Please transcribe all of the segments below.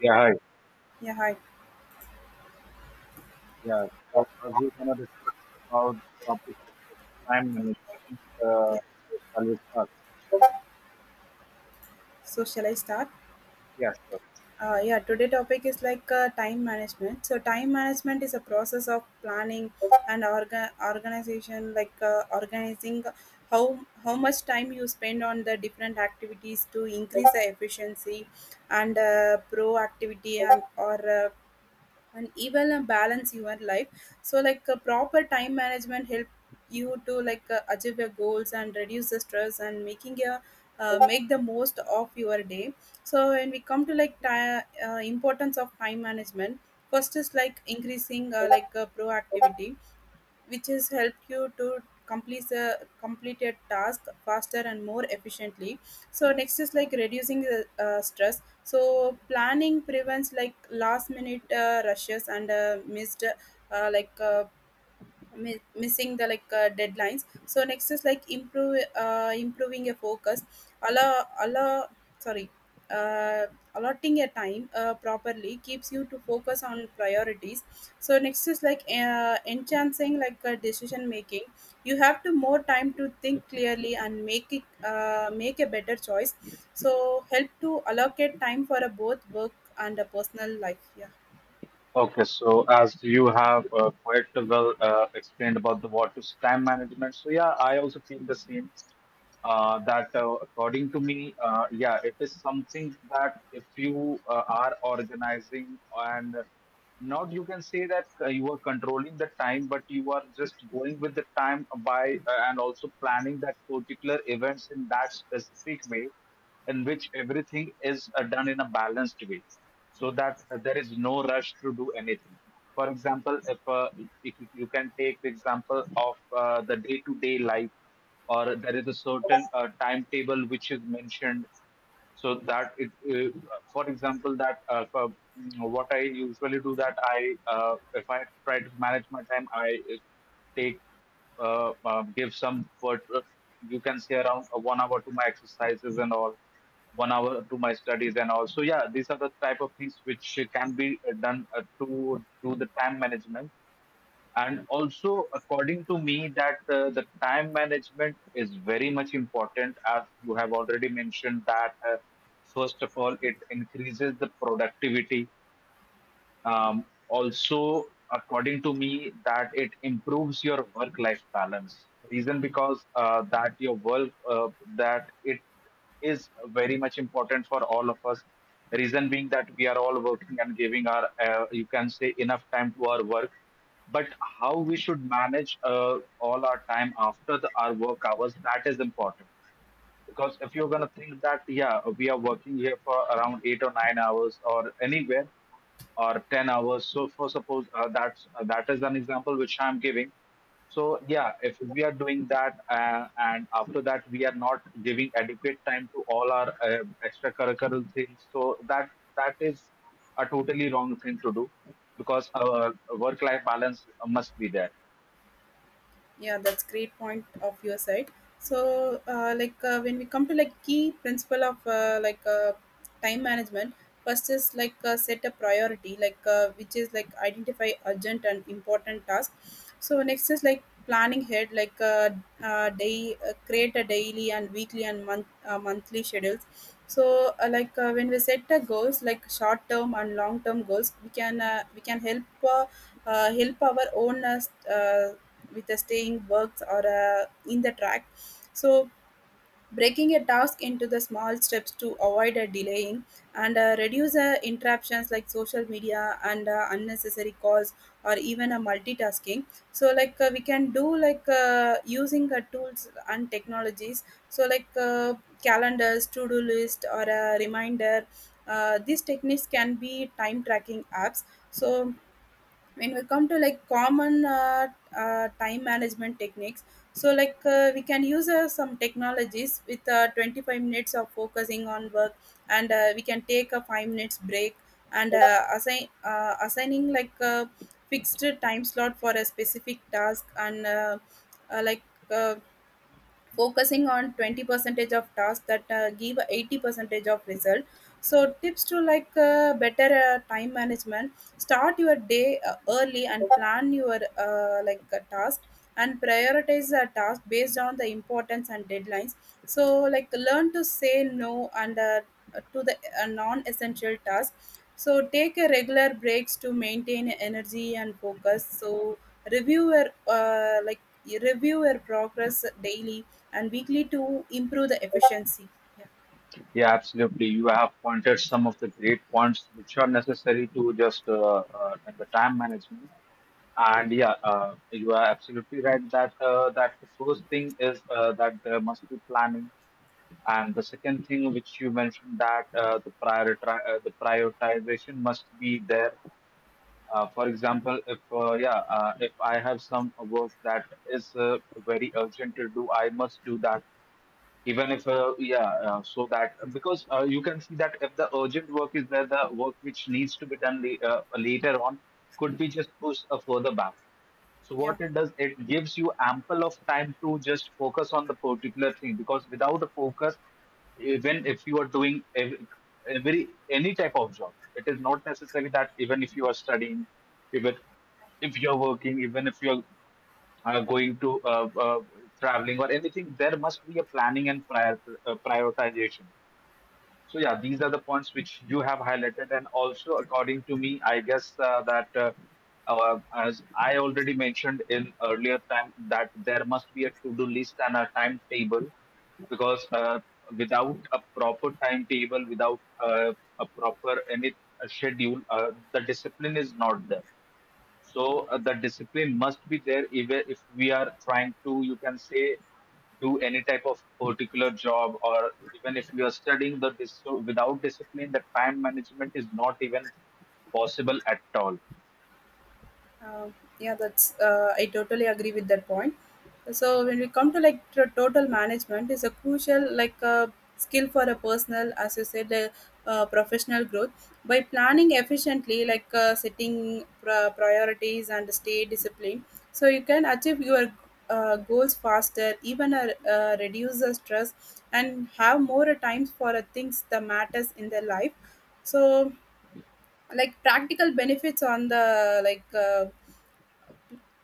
Yeah, hi. Yeah, hi. Yeah, So we're gonna discuss about topic which is time management. Uh, Yeah. so shall we start? So shall I start? Yeah, sure. Yeah, today topic is like time management. So time management is a process of planning and organization, like organizing how much time you spend on the different activities to increase the efficiency and proactivity and or and even balance your life, so like a proper time management help you to like achieve your goals and reduce the stress and making your make the most of your day. So when we come to like ti importance of time management, first is like increasing proactivity, which has helped you to complete a completed task faster and more efficiently. So next is like reducing the stress, so planning prevents like last minute rushes and missed uh, like uh, missing the like deadlines. So next is like improve improving a focus, allow allow sorry, uh, allotting a time properly keeps you to focus on priorities. So next is like enhancing like decision making, you have to more time to think clearly and make a better choice. So help to allocate time for a both work and a personal life, yeah. Okay, so as you have quite well explained about the what is time management, so yeah, I also feel the same. That according to me, yeah, it is something that if you are organizing and not, you can say that you are controlling the time, but you are just going with the time by and also planning that particular events in that specific way in which everything is done in a balanced way, so that there is no rush to do anything. For example, if you can take the example of the day to day life, or there is a certain timetable which is mentioned so that it for example, that what I usually do that I uh, if I try to manage my time, I uh, take give some what you can say around 1 hour to my exercises and all, 1 hour to my studies and all. So yeah, these are the type of things which can be done to do the time management. And also according to me that the time management is very much important, as you have already mentioned, that first of all, it increases the productivity. Also, according to me, that it improves your work-life balance. Reason, because that your work, that it is very much important for all of us. Reason being that we are all working and giving our you can say enough time to our work, but how we should manage all our time after the, our work hours, that is important. Because if you're gonna think that yeah, we are working here for around 8 or 9 hours, or anywhere or 10 hours, so for suppose that is an example which I'm giving. So yeah, if we are doing that and after that we are not giving adequate time to all our extracurricular things, so that that is a totally wrong thing to do, because our work life balance must be there. Yeah, that's great point of your side. So when we come to like key principle of time management, first is like set a priority, like which is like identify urgent and important tasks. So next is like planning ahead, like day create a daily and weekly and monthly schedules. So when we set the goals like short term and long term goals, we can help uh, help our own with a staying works or a, in the track. So breaking a task into the small steps to avoid a delaying, and reduce interruptions like social media and unnecessary calls or even a multitasking. So like we can do like using tools and technologies, so like calendars, to do list or a reminder, these techniques can be time tracking apps. So when we come to like common time management techniques, so like we can use some technologies with 25 minutes of focusing on work, and we can take a 5 minutes break, and assigning like a fixed time slot for a specific task, and uh, like uh, focusing on 20 percentage of tasks that give 80 percentage of result. So tips to like better time management, start your day early and plan your task, and prioritize a task based on the importance and deadlines. So like learn to say no and to the non-essential tasks. So take a regular breaks to maintain energy and focus. So review your uh, like review your progress daily and weekly to improve the efficiency, Yeah, absolutely. You have pointed some of the great points which are necessary to just in the time management. And yeah, you are absolutely right that that the first thing is that there must be planning, and the second thing which you mentioned that the prioritization must be there. For example, if I have some work that is very urgent to do, I must do that, even if so that, because you can see that if the urgent work is there, the work which needs to be done later on could be just pushed further back. So yeah. Yeah. what it does, it gives you ample of time to just focus on the particular thing, because without a focus, even if you are doing every any type of job, it is not necessary. That even if you are studying, even if you're working, even if you're going to traveling or anything, there must be a planning and prioritization. So yeah, these are the points which you have highlighted. And also according to me, I guess that as I already mentioned in earlier time, that there must be a to-do list and a timetable, because without a proper timetable, without a proper any a schedule, the discipline is not there. So the discipline must be there if we are trying to, you can say, do any type of particular job, or even if you are studying so without discipline, the time management is not even possible at all. uh, yeah, that's I totally agree with that point. So when we come to like to total management is a crucial like skill for a personal, as you said, professional growth by planning efficiently, like setting priorities and stay disciplined. So you can achieve your goals faster, even reduce the stress and have more times for things that matters in their life. So like practical benefits on the like uh,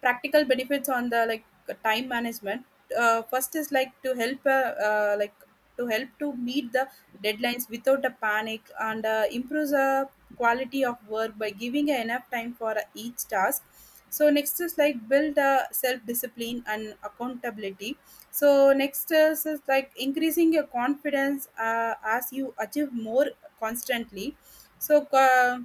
practical benefits on the like time management, first is like to help uh, like to help to meet the deadlines without a panic, and improves the quality of work by giving enough time for each task. So next is like build self discipline and accountability. So next is like increasing your confidence as you achieve more constantly. So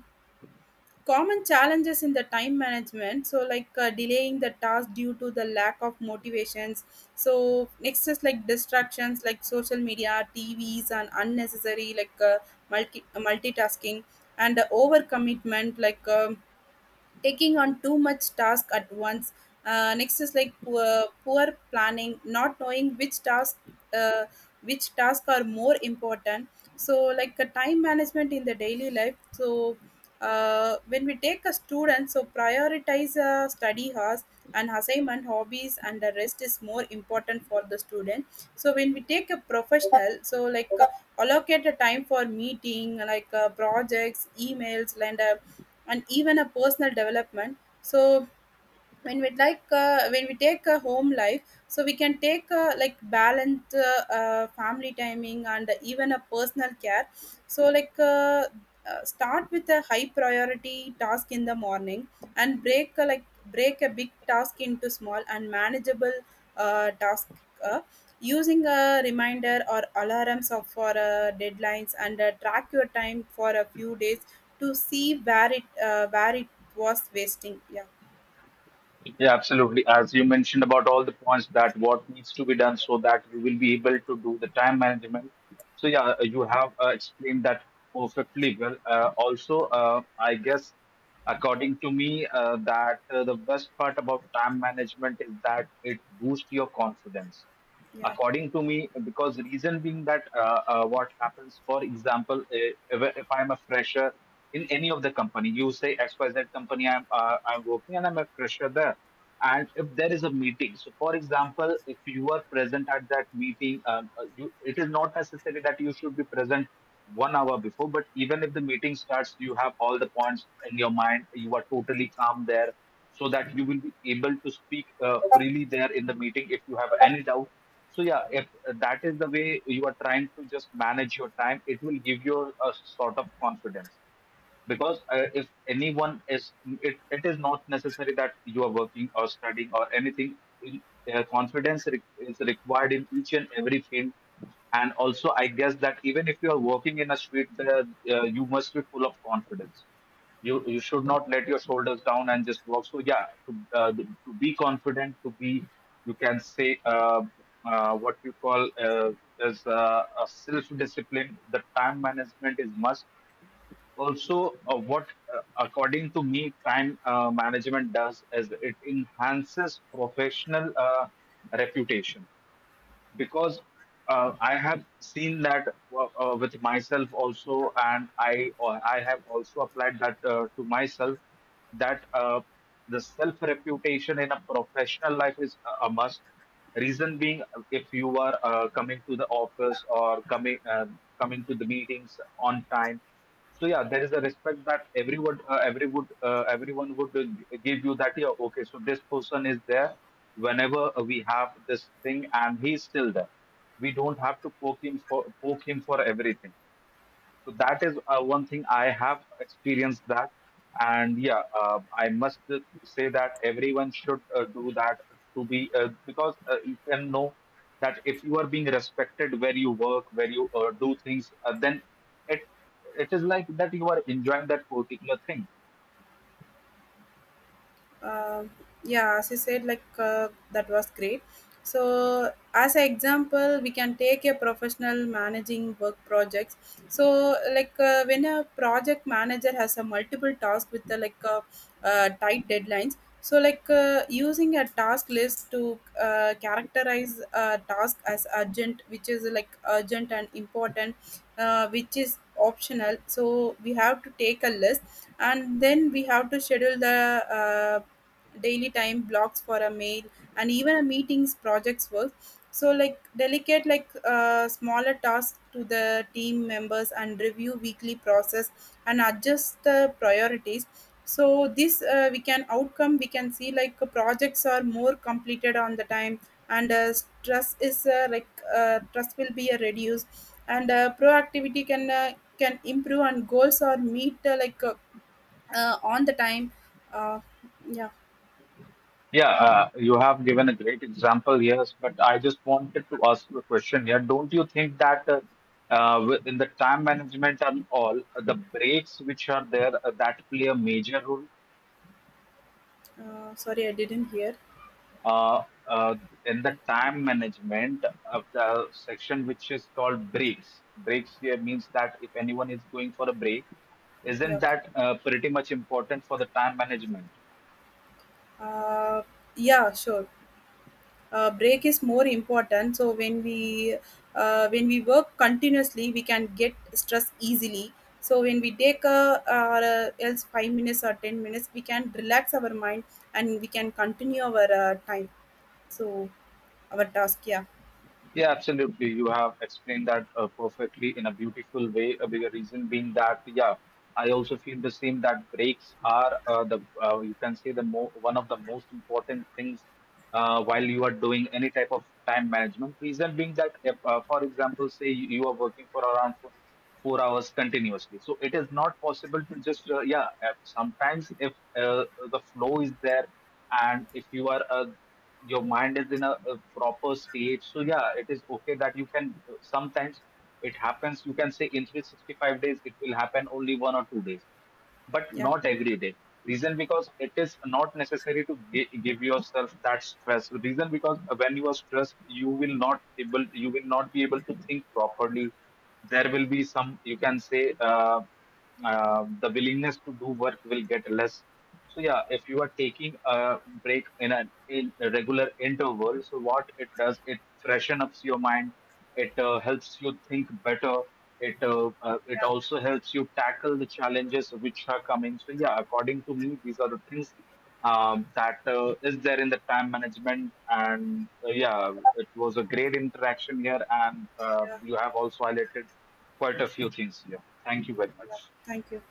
common challenges in the time management, so like delaying the task due to the lack of motivations. So next is like distractions like social media, tvs, and unnecessary like multitasking, and overcommitment, like taking on too much task at once. Next is like poor planning, not knowing which uh, tasks are more important. So like a time management in the daily life. So when we take a student, so prioritize study hours and assignment, hobbies and the rest is more important for the student. So when we take a professional, so like allocate a time for meeting, like projects, emails, and even a personal development. So when we when we take a home life, so we can take balanced family timing and even a personal care. So like start with a high priority task in the morning, and break a big task into small and manageable task, uh, using a reminder or alarms of for deadlines, and track your time for a few days to see where it was wasting, yeah. Yeah, absolutely. As you mentioned about all the points that what needs to be done so that you will be able to do the time management. So yeah, you have explained that perfectly well. Also, I guess according to me that the best part about time management is that it boosts your confidence, Yeah. according to me. Because reason being that what happens, for example, if I'm a fresher in any of the company, you say XYZ company, I'm I'm working and I'm a fresher there, and if there is a meeting. So for example, if you are present at that meeting, it is not necessary that you should be present 1 hour before, but even if the meeting starts, you have all the points in your mind, you are totally calm there, so that you will be able to speak freely there in the meeting, if you have any doubt. So yeah, if that is the way you are trying to just manage your time, it will give you a sort of confidence. Because if anyone is it is not necessary that you are working or studying or anything. Confidence is required in each and every field. And also I guess that even if you are working in a street, you must be full of confidence. You should not let your shoulders down and just walk. So yeah, uh, to be confident, to be you can say what we call is a self discipline, the time management is must. Also what according to me, time management does is it enhances professional reputation, because I have seen that with myself also, and I have also applied that to myself, that the self reputation in a professional life is a must. Reason being, if you are coming to the office, or coming to the meetings on time, so yeah, there is a respect that everyone would give you that, yeah, okay, so this person is there whenever we have this thing, and he's still there, we don't have to poke him for everything. So that is one thing I have experienced that. And yeah, I must say that everyone should do that, to be because you can know that if you are being respected where you work, where you do things, then it it is like that you are enjoying that particular thing. Um yeah, as you said, like that was great. So, as an example, we can take a professional managing work projects. So, like when a project manager has a multiple task with the like tight deadlines. So, like using a task list to characterize a task as urgent, which is like urgent and important, which is optional. So, we have to take a list, and then we have to schedule the daily time blocks for a mail and even a meetings, projects work. So like delicate, like smaller tasks to the team members, and review weekly process and adjust the priorities. So this we can see like projects are more completed on the time, and stress is like stress will be reduced, and proactivity can improve and goals are meet on the time, uh, yeah. Yeah, you have given a great example, yes, but I just wanted to ask you a question here. Don't you think that within the time management and all, the breaks which are there that play a major role Sorry, I didn't hear. uh, uh, in the time management, of the section which is called breaks? Breaks here means that if anyone is going for a break, Yeah, isn't okay. that pretty much important for the time management? Uh, yeah, sure. Break is more important. So when we work continuously, we can get stress easily. So when we take a or else 5 minutes or 10 minutes, we can relax our mind and we can continue our time. So our task. Yeah, Yeah, absolutely. You have explained that perfectly in a beautiful way. A bigger reason being that, yeah, I also feel the same, that breaks are the you can say the mo one of the most important things while you are doing any type of time management. Reason being that, if, for example, say you are working for around 4 hours continuously, so it is not possible to just yeah. Sometimes if the flow is there, and if you are your mind is in a proper state, so yeah, it is okay that you can sometimes. It happens, you can say, in 365 days it will happen only 1 or 2 days, but yeah, not every day. Reason because it is not necessary to give yourself that stress. Reason because when you are stressed, you will not able you will not be able to think properly. There will be some, you can say the willingness to do work will get less. So yeah, if you are taking a break in a regular interval, so what it does, it freshen ups your mind. It helps you think better. It it yeah, also helps you tackle the challenges which are coming. So yeah, according to me, these are the things that is there in the time management. And yeah, it was a great interaction here, and yeah. you have also highlighted quite a few things here. Thank you very Yeah. much. Thank you.